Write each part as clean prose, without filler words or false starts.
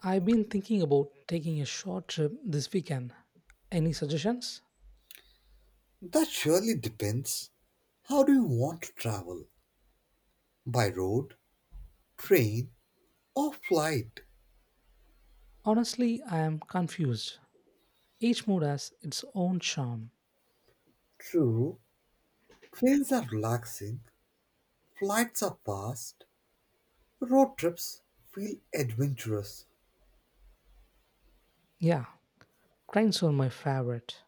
I've been thinking about taking a short trip this weekend. Any suggestions? That surely depends. How do you want to travel? By road, train, or flight? Honestly, I am confused. Each mood has its own charm. True, trains are relaxing, flights are fast, road trips feel adventurous. Yeah, trains are my favorite.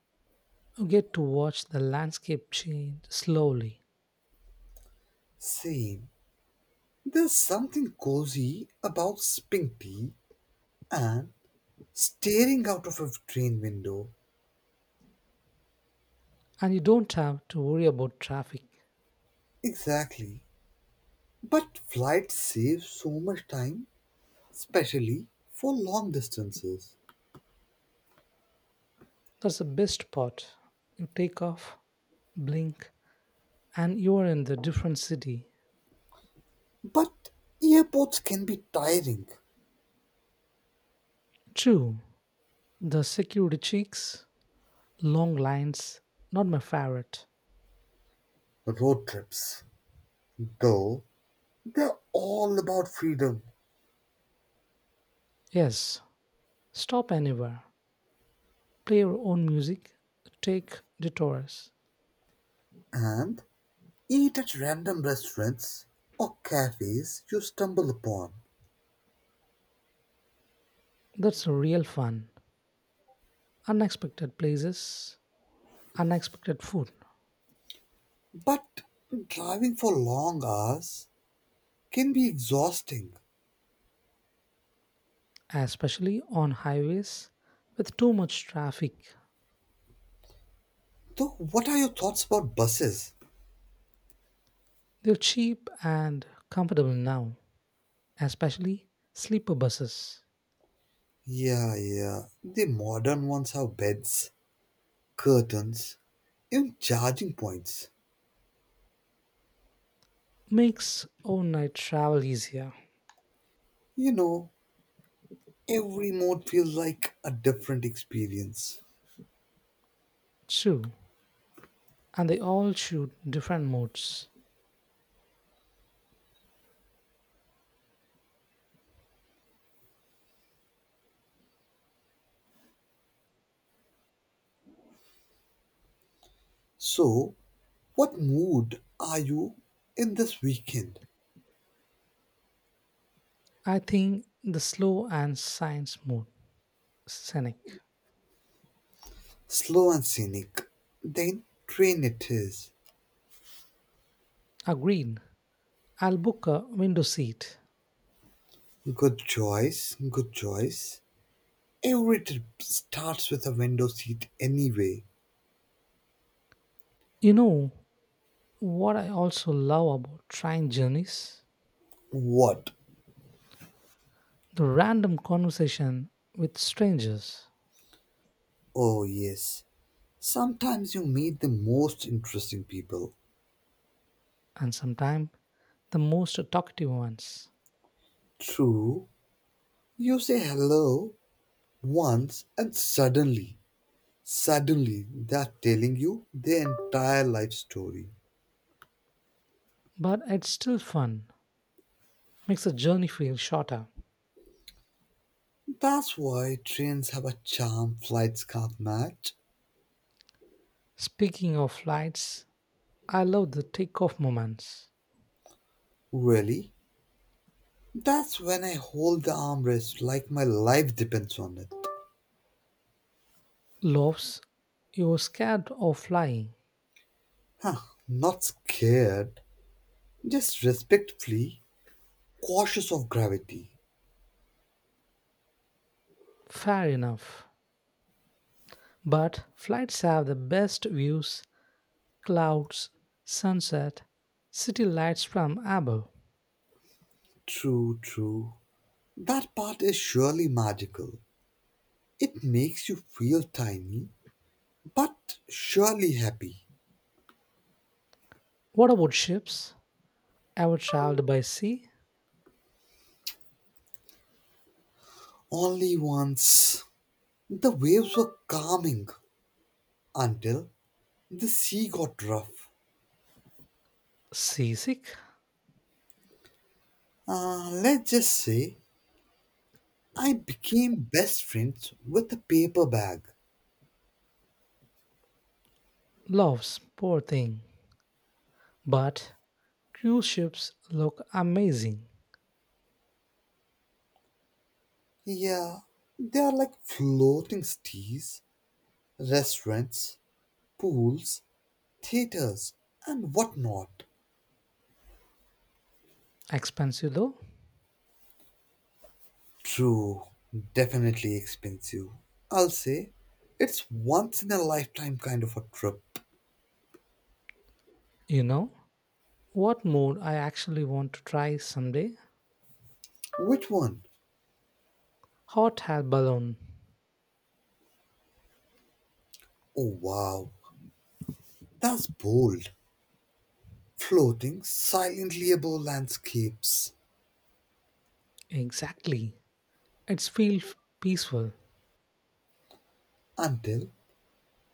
You get to watch the landscape change slowly, Same. There's something cozy about sipping tea and staring out of a train window. and you don't have to worry about traffic. Exactly. But flights save so much time, especially for long distances. That's the best part. You take off, blink, and you are in the different city. But airports can be tiring. True, the security checks, long lines, not my favorite. Road trips, though, they're all about freedom. Yes, stop anywhere, play your own music, take detours. And eat at random restaurants or cafes you stumble upon. That's real fun. Unexpected places, unexpected food, But driving for long hours can be exhausting. especially on highways with too much traffic. So, what are your thoughts about buses? They're cheap and comfortable now, especially sleeper buses. Yeah, yeah, the modern ones have beds, curtains, even charging points. Makes overnight travel easier, You know, every mode feels like a different experience. too, and they all shoot different modes. So, what mood are you in this weekend? I think the slow and science mode, scenic. Slow and scenic, then train it is. Agreed. I'll book a window seat. Good choice, good choice. Every trip starts with a window seat anyway. You know what I also love about train journeys? What? The random conversation with strangers Oh, yes. Sometimes you meet the most interesting people. and sometimes the most talkative ones. True. You say hello once and suddenly they're telling you their entire life story. But it's still fun, makes the journey feel shorter. That's why trains have a charm flights can't match. Speaking of flights, I love the takeoff moments. Really? That's when I hold the armrest like my life depends on it. Loves, you're scared of flying. Huh, not scared. Just respectfully, cautious of gravity. Fair enough. But flights have the best views clouds, sunset, city lights from above. True, true. That part is surely magical. It makes you feel tiny, but surely happy. What about ships? Ever traveled by sea? Only once. The waves were calming until the sea got rough. Seasick? Let's just say I became best friends with a paper bag. Loves, poor thing. But cruise ships look amazing. Yeah, they are like floating cities, restaurants, pools, theaters, and whatnot. Expensive though. True, definitely expensive. I'll say it's once in a lifetime kind of a trip. You know, what mode I actually want to try someday? Which one? Hot air balloon. Oh wow, that's bold. Floating silently above landscapes Exactly. It's feel peaceful. until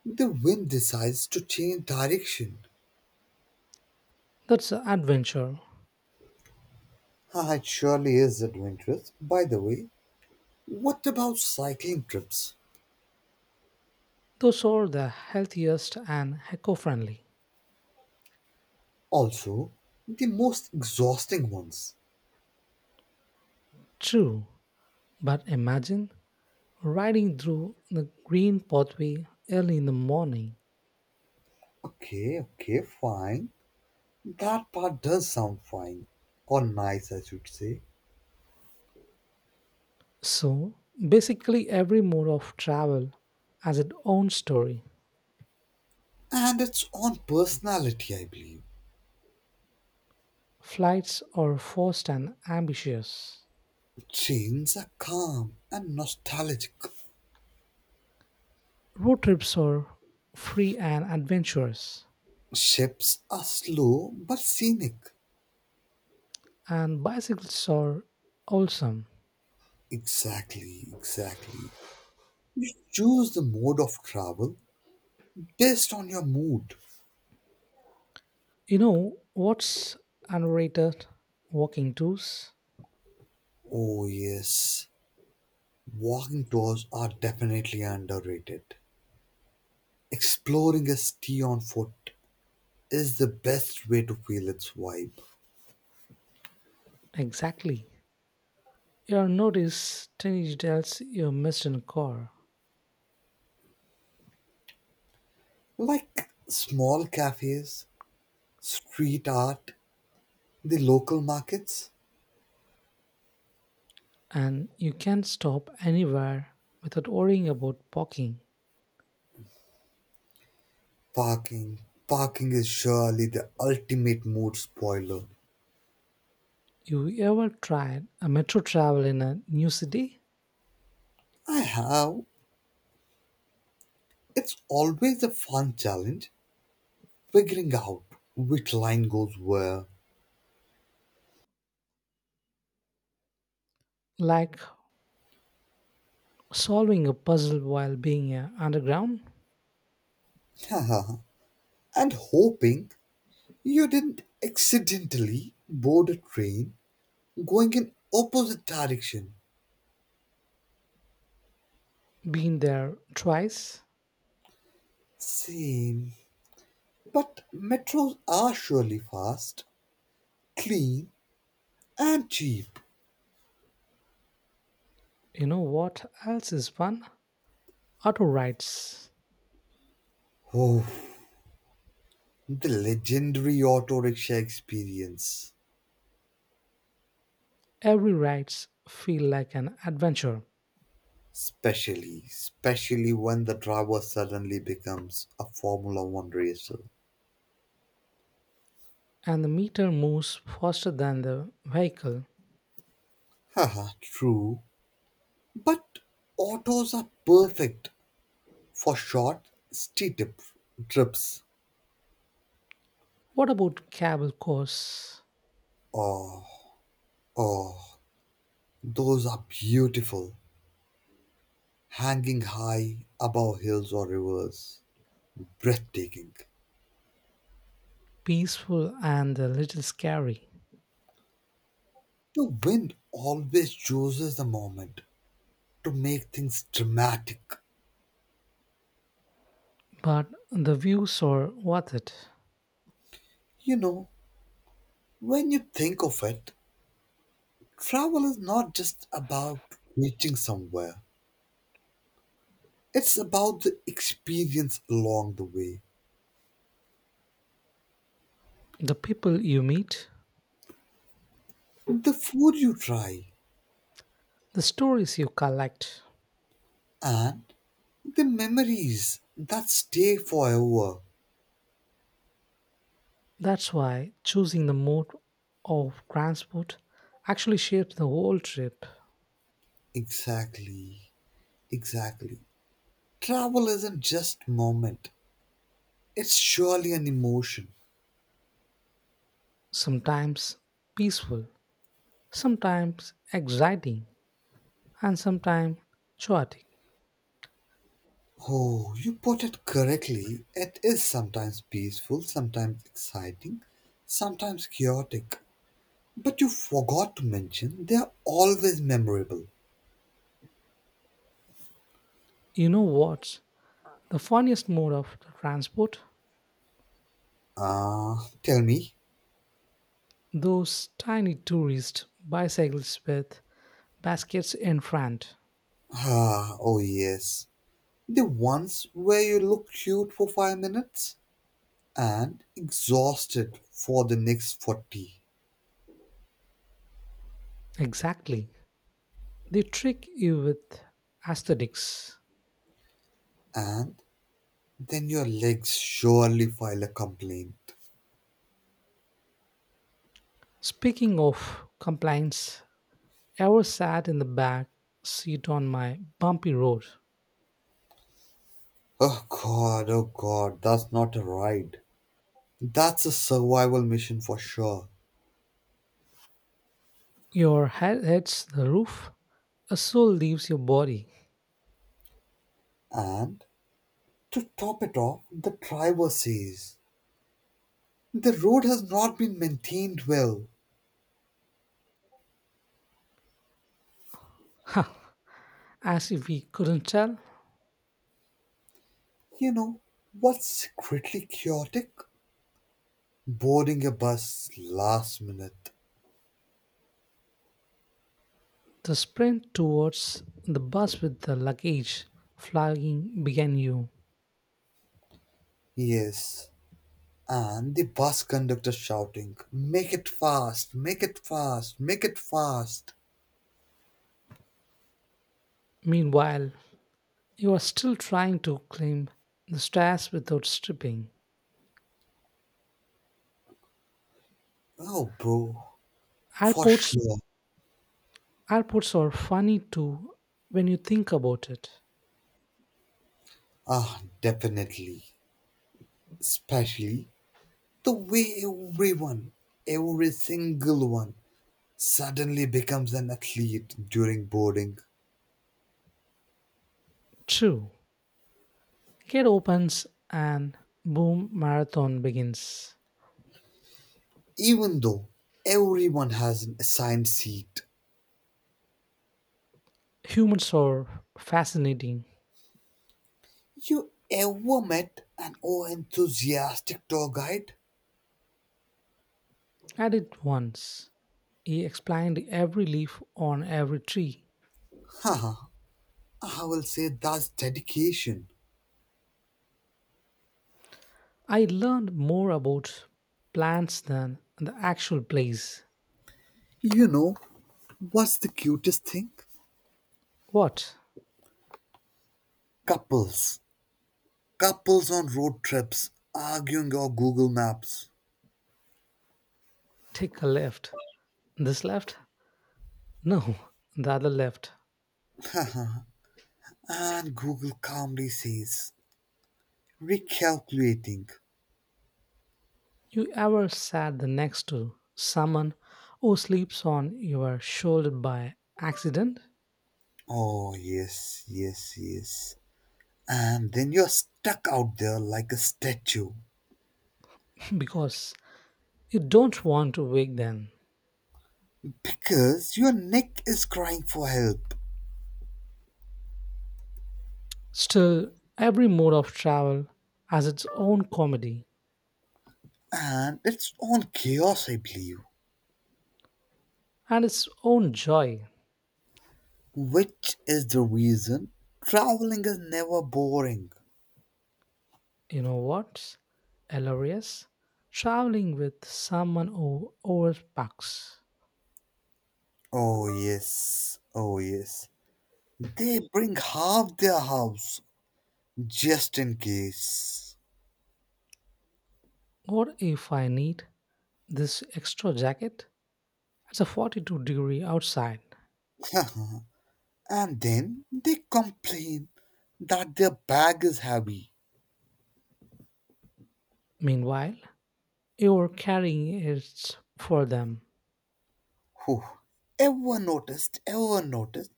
the wind decides to change direction. That's an adventure. Ah, it surely is adventurous. By the way, what about cycling trips? Those are the healthiest and eco-friendly. Also, the most exhausting ones. True, but imagine riding through the green pathway early in the morning. Okay, okay, fine. That part does sound fine. Or nice, I should say. So basically, every mode of travel has its own story. And it's on personality, I believe. Flights are fast and ambitious, Trains are calm and nostalgic. road trips are free and adventurous, Ships are slow but scenic. and bicycles are awesome. Exactly, exactly. You choose the mode of travel based on your mood. You know what's underrated? Walking tours? Oh, yes. Walking tours are definitely underrated. Exploring a city on foot is the best way to feel its vibe. Exactly. You notice tiny details you missed in a car Like small cafes, street art, the local markets, and you can stop anywhere without worrying about parking. parking. Parking is surely the ultimate mood spoiler. You ever tried a metro travel in a new city? I have. It's always a fun challenge figuring out which line goes where. Like solving a puzzle while being underground? And hoping you didn't accidentally board a train going in opposite direction. Been there twice? Same. But metros are surely fast, clean, and cheap. You know what else is fun? Auto rides. Oh, the legendary auto rickshaw experience. Every rides feel like an adventure, Especially when the driver suddenly becomes a Formula One racer. and the meter moves faster than the vehicle. Haha, true. But autos are perfect for short, steep trips. What about cable cars? Oh, oh. Those are beautiful, hanging high above hills or rivers. Breathtaking. Peaceful and a little scary. The wind always chooses the moment to make things dramatic. But the views are worth it. You know, when you think of it, travel is not just about reaching somewhere, it's about the experience along the way, The people you meet, the food you try, the stories you collect. and the memories that stay forever. That's why choosing the mode of transport actually shapes the whole trip. Exactly, exactly. Travel isn't just moment, it's surely an emotion. Sometimes peaceful, sometimes exciting, and sometimes chaotic. Oh, you put it correctly. It is sometimes peaceful, sometimes exciting, sometimes chaotic. But you forgot to mention they are always memorable. You know what's the funniest mode of transport? Ah, tell me. Those tiny tourist bicycles with baskets in front. Ah, oh yes. The ones where you look cute for 5 minutes and exhausted for the next 40. Exactly. They trick you with aesthetics. And then your legs surely file a complaint. Speaking of complaints, ever sat in the back seat on my bumpy road? Oh god, that's not a ride. That's a survival mission for sure. Your head hits the roof, a soul leaves your body. And to top it off, the driver says the road has not been maintained well. Ha! As if we couldn't tell, You know, what's secretly chaotic? Boarding a bus last minute. the sprint towards the bus with the luggage flying began you. Yes. And the bus conductor shouting, make it fast, make it fast, make it fast. Meanwhile, you are still trying to climb the stairs without stripping. Oh, bro, for Airports, sure. airports are funny too when you think about it. Ah, definitely. Especially the way everyone, every single one, suddenly becomes an athlete during boarding, True. Gate opens and boom marathon begins. even though everyone has an assigned seat. Humans are fascinating. You ever met an enthusiastic tour guide? At it once. He explained every leaf on every tree. Haha, I will say that's dedication. I learned more about plants than the actual place. You know, what's the cutest thing? What? Couples. Couples on road trips arguing over Google Maps. Take a left. This left? No, the other left. Haha, and Google calmly says, recalculating. You ever sat the next to someone who sleeps on your shoulder by accident? Oh, yes, yes, yes. And then you're stuck out there like a statue Because you don't want to wake then. because your neck is crying for help. Still, every mode of travel has its own comedy And it's on chaos, I believe. and its own joy. Which is the reason traveling is never boring. You know what's hilarious? Traveling with someone who overpacks. Oh, yes, oh, yes. They bring half their house just in case. What if I need this extra jacket? It's a 42-degree outside. And then they complain that their bag is heavy. Meanwhile, you're carrying it for them. Whew. Ever noticed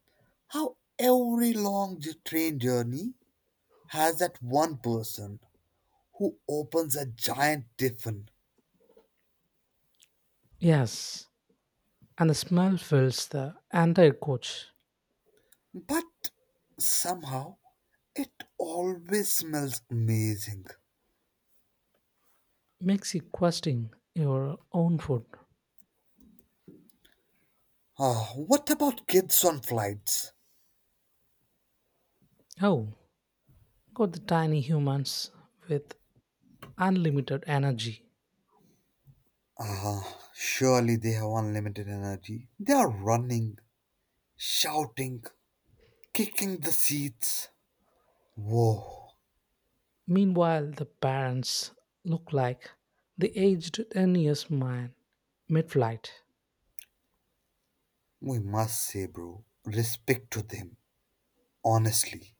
how every long train journey has that one person who opens a giant tiffin? Yes, and the smell fills the entire coach, But somehow it always smells amazing. makes you question your own food. Ah, what about kids on flights? Oh, got the tiny humans with unlimited energy. Ah, surely they have unlimited energy. They are running, shouting, kicking the seats. Whoa, Meanwhile, the parents look like the aged 10 years man mid flight. we must say, bro, respect to them. Honestly.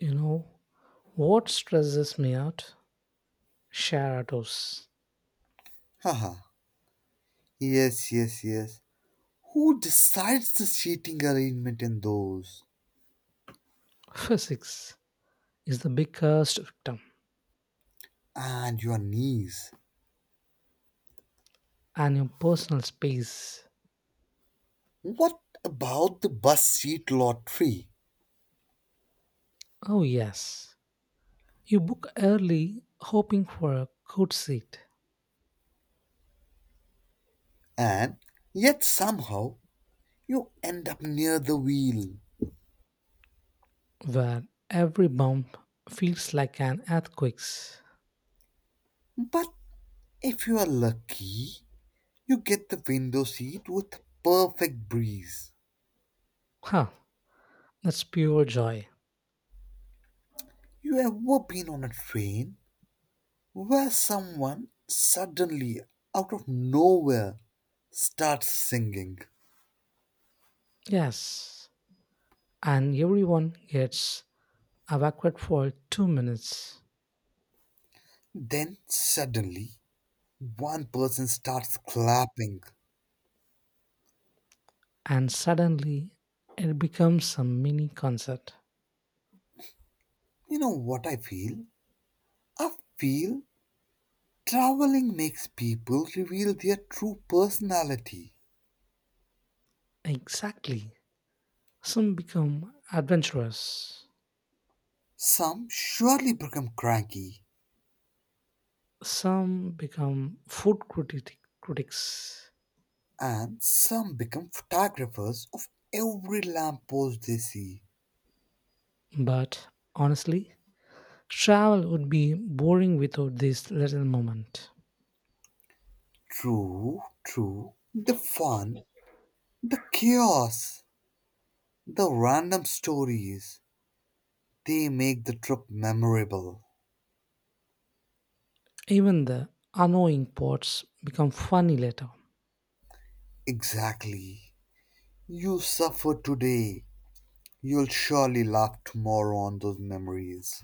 You know, what stresses me out? Sharatos. Haha. Yes, yes, yes. Who decides the seating arrangement in those? Physics is the biggest victim, And your knees. and your personal space. What about the bus seat lottery? Oh, yes. You book early, hoping for a good seat, And yet somehow you end up near the wheel. where every bump feels like an earthquake. But if you are lucky, you get the window seat with perfect breeze. Huh. That's pure joy. You ever been on a train where someone suddenly, out of nowhere, starts singing? Yes. And everyone gets evacuated for 2 minutes, Then suddenly, one person starts clapping. and suddenly it becomes a mini concert. You know what I feel? I feel traveling makes people reveal their true personality. Exactly. Some become adventurous, Some surely become cranky, some become critics. and some become photographers of every lamppost they see. But honestly, travel would be boring without this little moment. True, true. The fun, the chaos, the random stories, they make the trip memorable. Even the annoying parts become funny later. Exactly. You suffer today. You'll surely laugh tomorrow on those memories.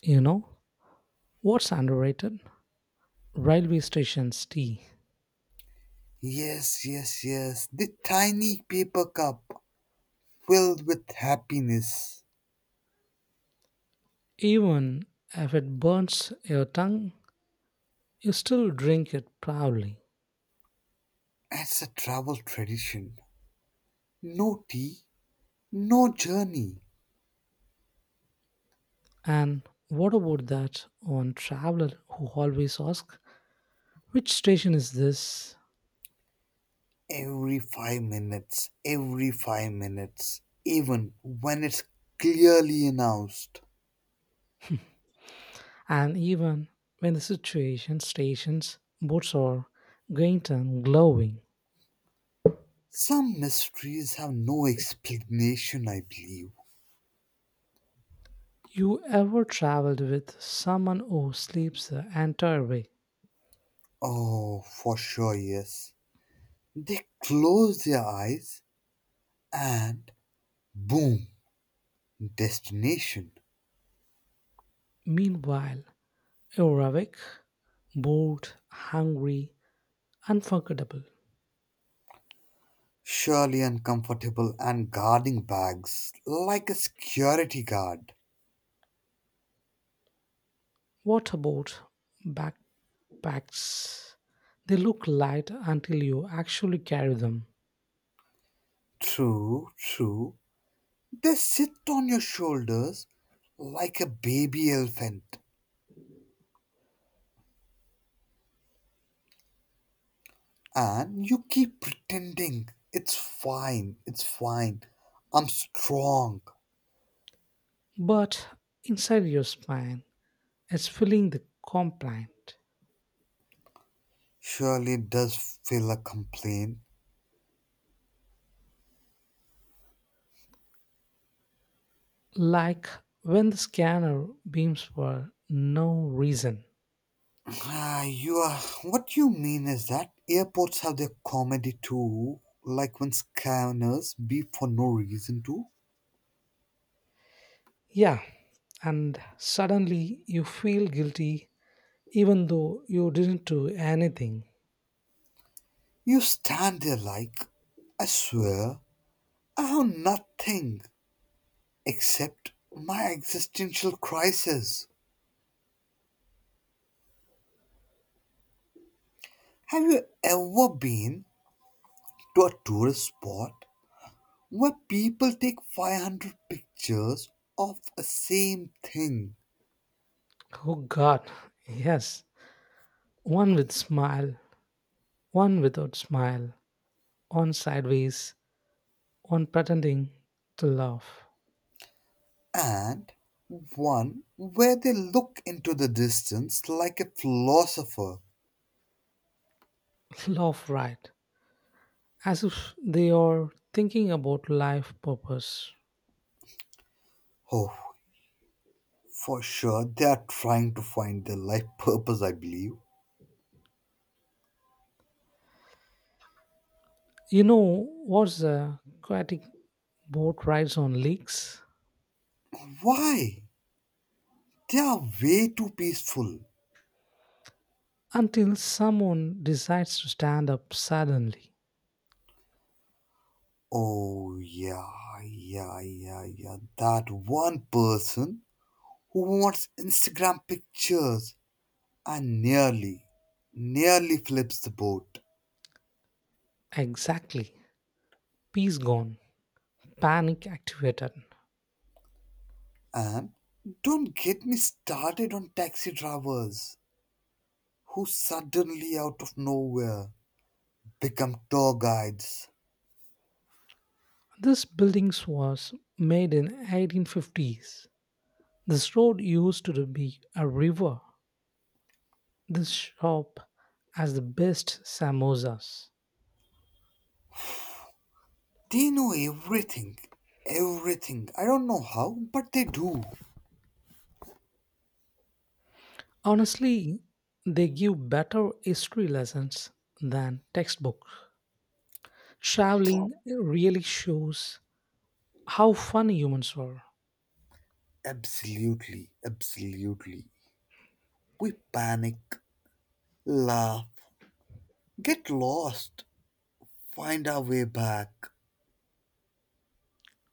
You know what's underrated? Railway station's tea. Yes, yes, yes. The tiny paper cup filled with happiness. Even if it burns your tongue, you still drink it proudly. That's a travel tradition. No tea, no journey. And what about that one traveler who always asks, which station is this? Every 5 minutes, every 5 minutes, even when it's clearly announced. And even when stations, boats are faint and glowing, Some mysteries have no explanation, I believe. you ever traveled with someone who sleeps the entire way. Oh, for sure, yes. They close their eyes and boom, destination. Meanwhile, you're awake, bored, hungry, unforgettable. Surely uncomfortable and guarding bags like a security guard. What about backpacks? They look light until you actually carry them. True, true. They sit on your shoulders like a baby elephant and you keep pretending it's fine, it's fine. I'm strong. But inside your spine, it's feeling the complaint. Surely it does feel a complaint. Like when the scanner beams for no reason. Ah, you are, what you mean is that airports have their comedy too, like when scanners beep for no reason to. Yeah, and suddenly you feel guilty even though you didn't do anything. You stand there like, I swear, I have nothing except my existential crisis. Have you ever been to a tourist spot where people take 500 pictures of a same thing? Oh god, yes. One with smile, one without smile, one sideways, on pretending to love. And one where they look into the distance like a philosopher. Love right. As if they are thinking about life purpose. Oh, for sure, they are trying to find their life purpose, I believe. You know what's the aquatic boat rides on leaks? Why? They are way too peaceful. Until someone decides to stand up suddenly. Oh, yeah, yeah, yeah, yeah. That one person who wants Instagram pictures and nearly flips the boat. Exactly. Peace gone. Panic activated. And don't get me started on taxi drivers, who suddenly out of nowhere become tour guides. This buildings was made in 1850s. This road used to be a river. This shop has the best samosas. They know everything. Everything. I don't know how, but they do. Honestly, they give better history lessons than textbooks. Trust- Traveling really shows how fun humans were. absolutely. Absolutely. We panic, laugh, get lost, find our way back,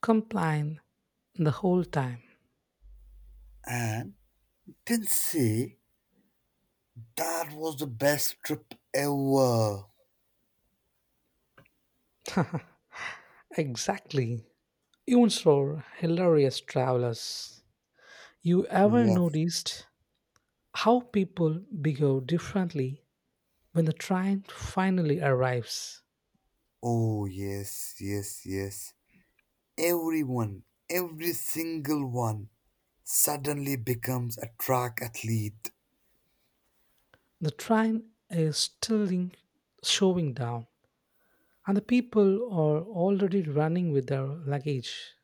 Complain the whole time. and then say, that was the best trip ever. Exactly. Humans were hilarious travelers. You ever Yeah. noticed how people behave differently when the train finally arrives? Oh, yes, yes, yes. Everyone, every single one suddenly becomes a track athlete The train is still in- Showing down, and the people are already running with their luggage.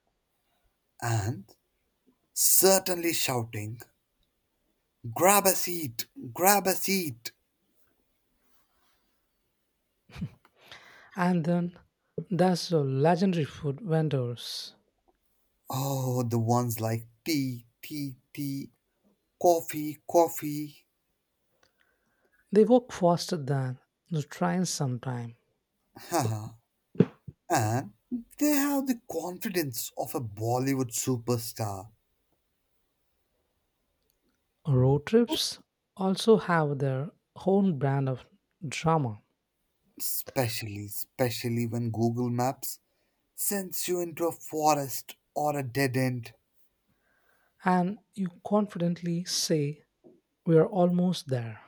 and certainly shouting, grab a seat! Grab a seat! And then there's the legendary food vendors. Oh, the ones like tea, tea, tea, coffee, coffee. They work faster than the trains sometimes. Haha. And they have the confidence of a Bollywood superstar. Road But trips also have their own brand of drama. especially when Google Maps sends you into a forest or a dead end, And you confidently say, we are almost there.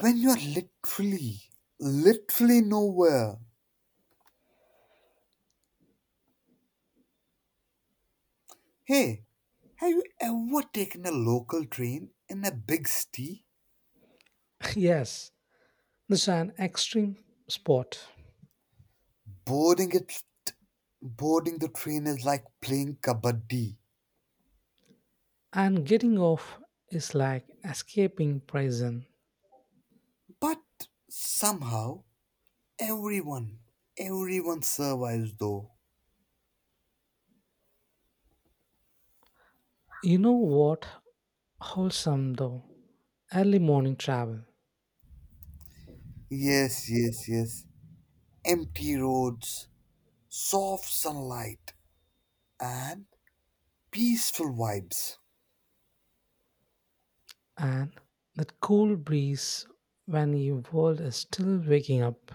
when you're literally nowhere. Hey, have you ever taken a local train in a big city? Yes, this is an extreme sport. Boarding it, Boarding the train is like playing kabaddi. And getting off is like escaping prison. But somehow, everyone, everyone survives though. You know what? Wholesome though. Early morning travel. Yes, yes, yes. Empty roads, soft sunlight, and peaceful vibes. And that cool breeze when your world is still waking up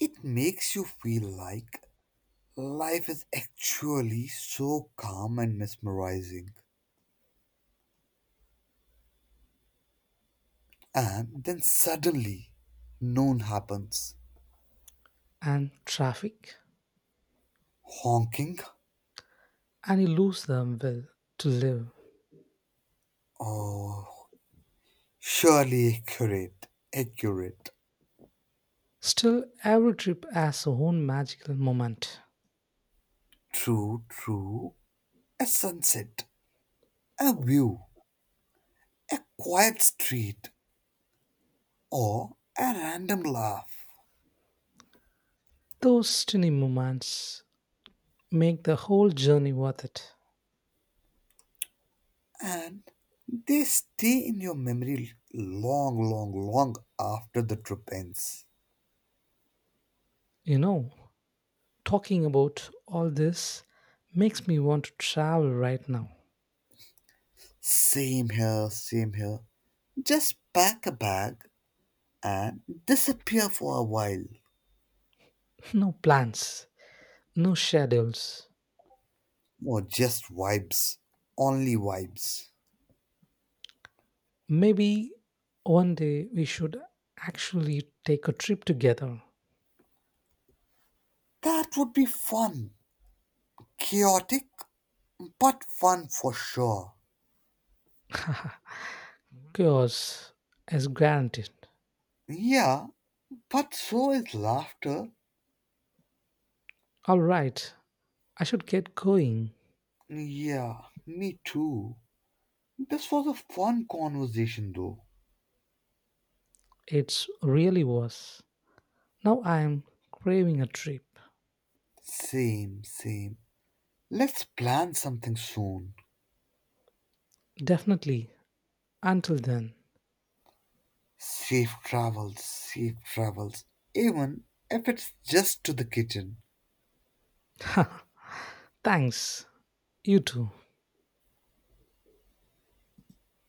It makes you feel like life is actually so calm and mesmerizing. And then suddenly, noon happens. and traffic Honking? and you lose the will to live. Oh, surely accurate, accurate. Still, every trip has its own magical moment. True, true. A sunset, a view, a quiet street, or a random laugh. Those tiny moments make the whole journey worth it. And they stay in your memory long, long, long after the trip ends. You know, talking about all this makes me want to travel right now. Same here, same here. Just pack a bag and disappear for a while. No plans, no schedules. Or just vibes. Only vibes. Maybe one day we should actually take a trip together. That would be fun. Chaotic, but fun for sure. Yours is guaranteed. Yeah, but so is laughter. All right, I should get going. Yeah, me too. This was a fun conversation though. It's really was. Now I am craving a trip. Same, same. Let's plan something soon. Definitely. Until then, Safe travels, safe travels. Even if it's just to the kitchen. thanks. You too.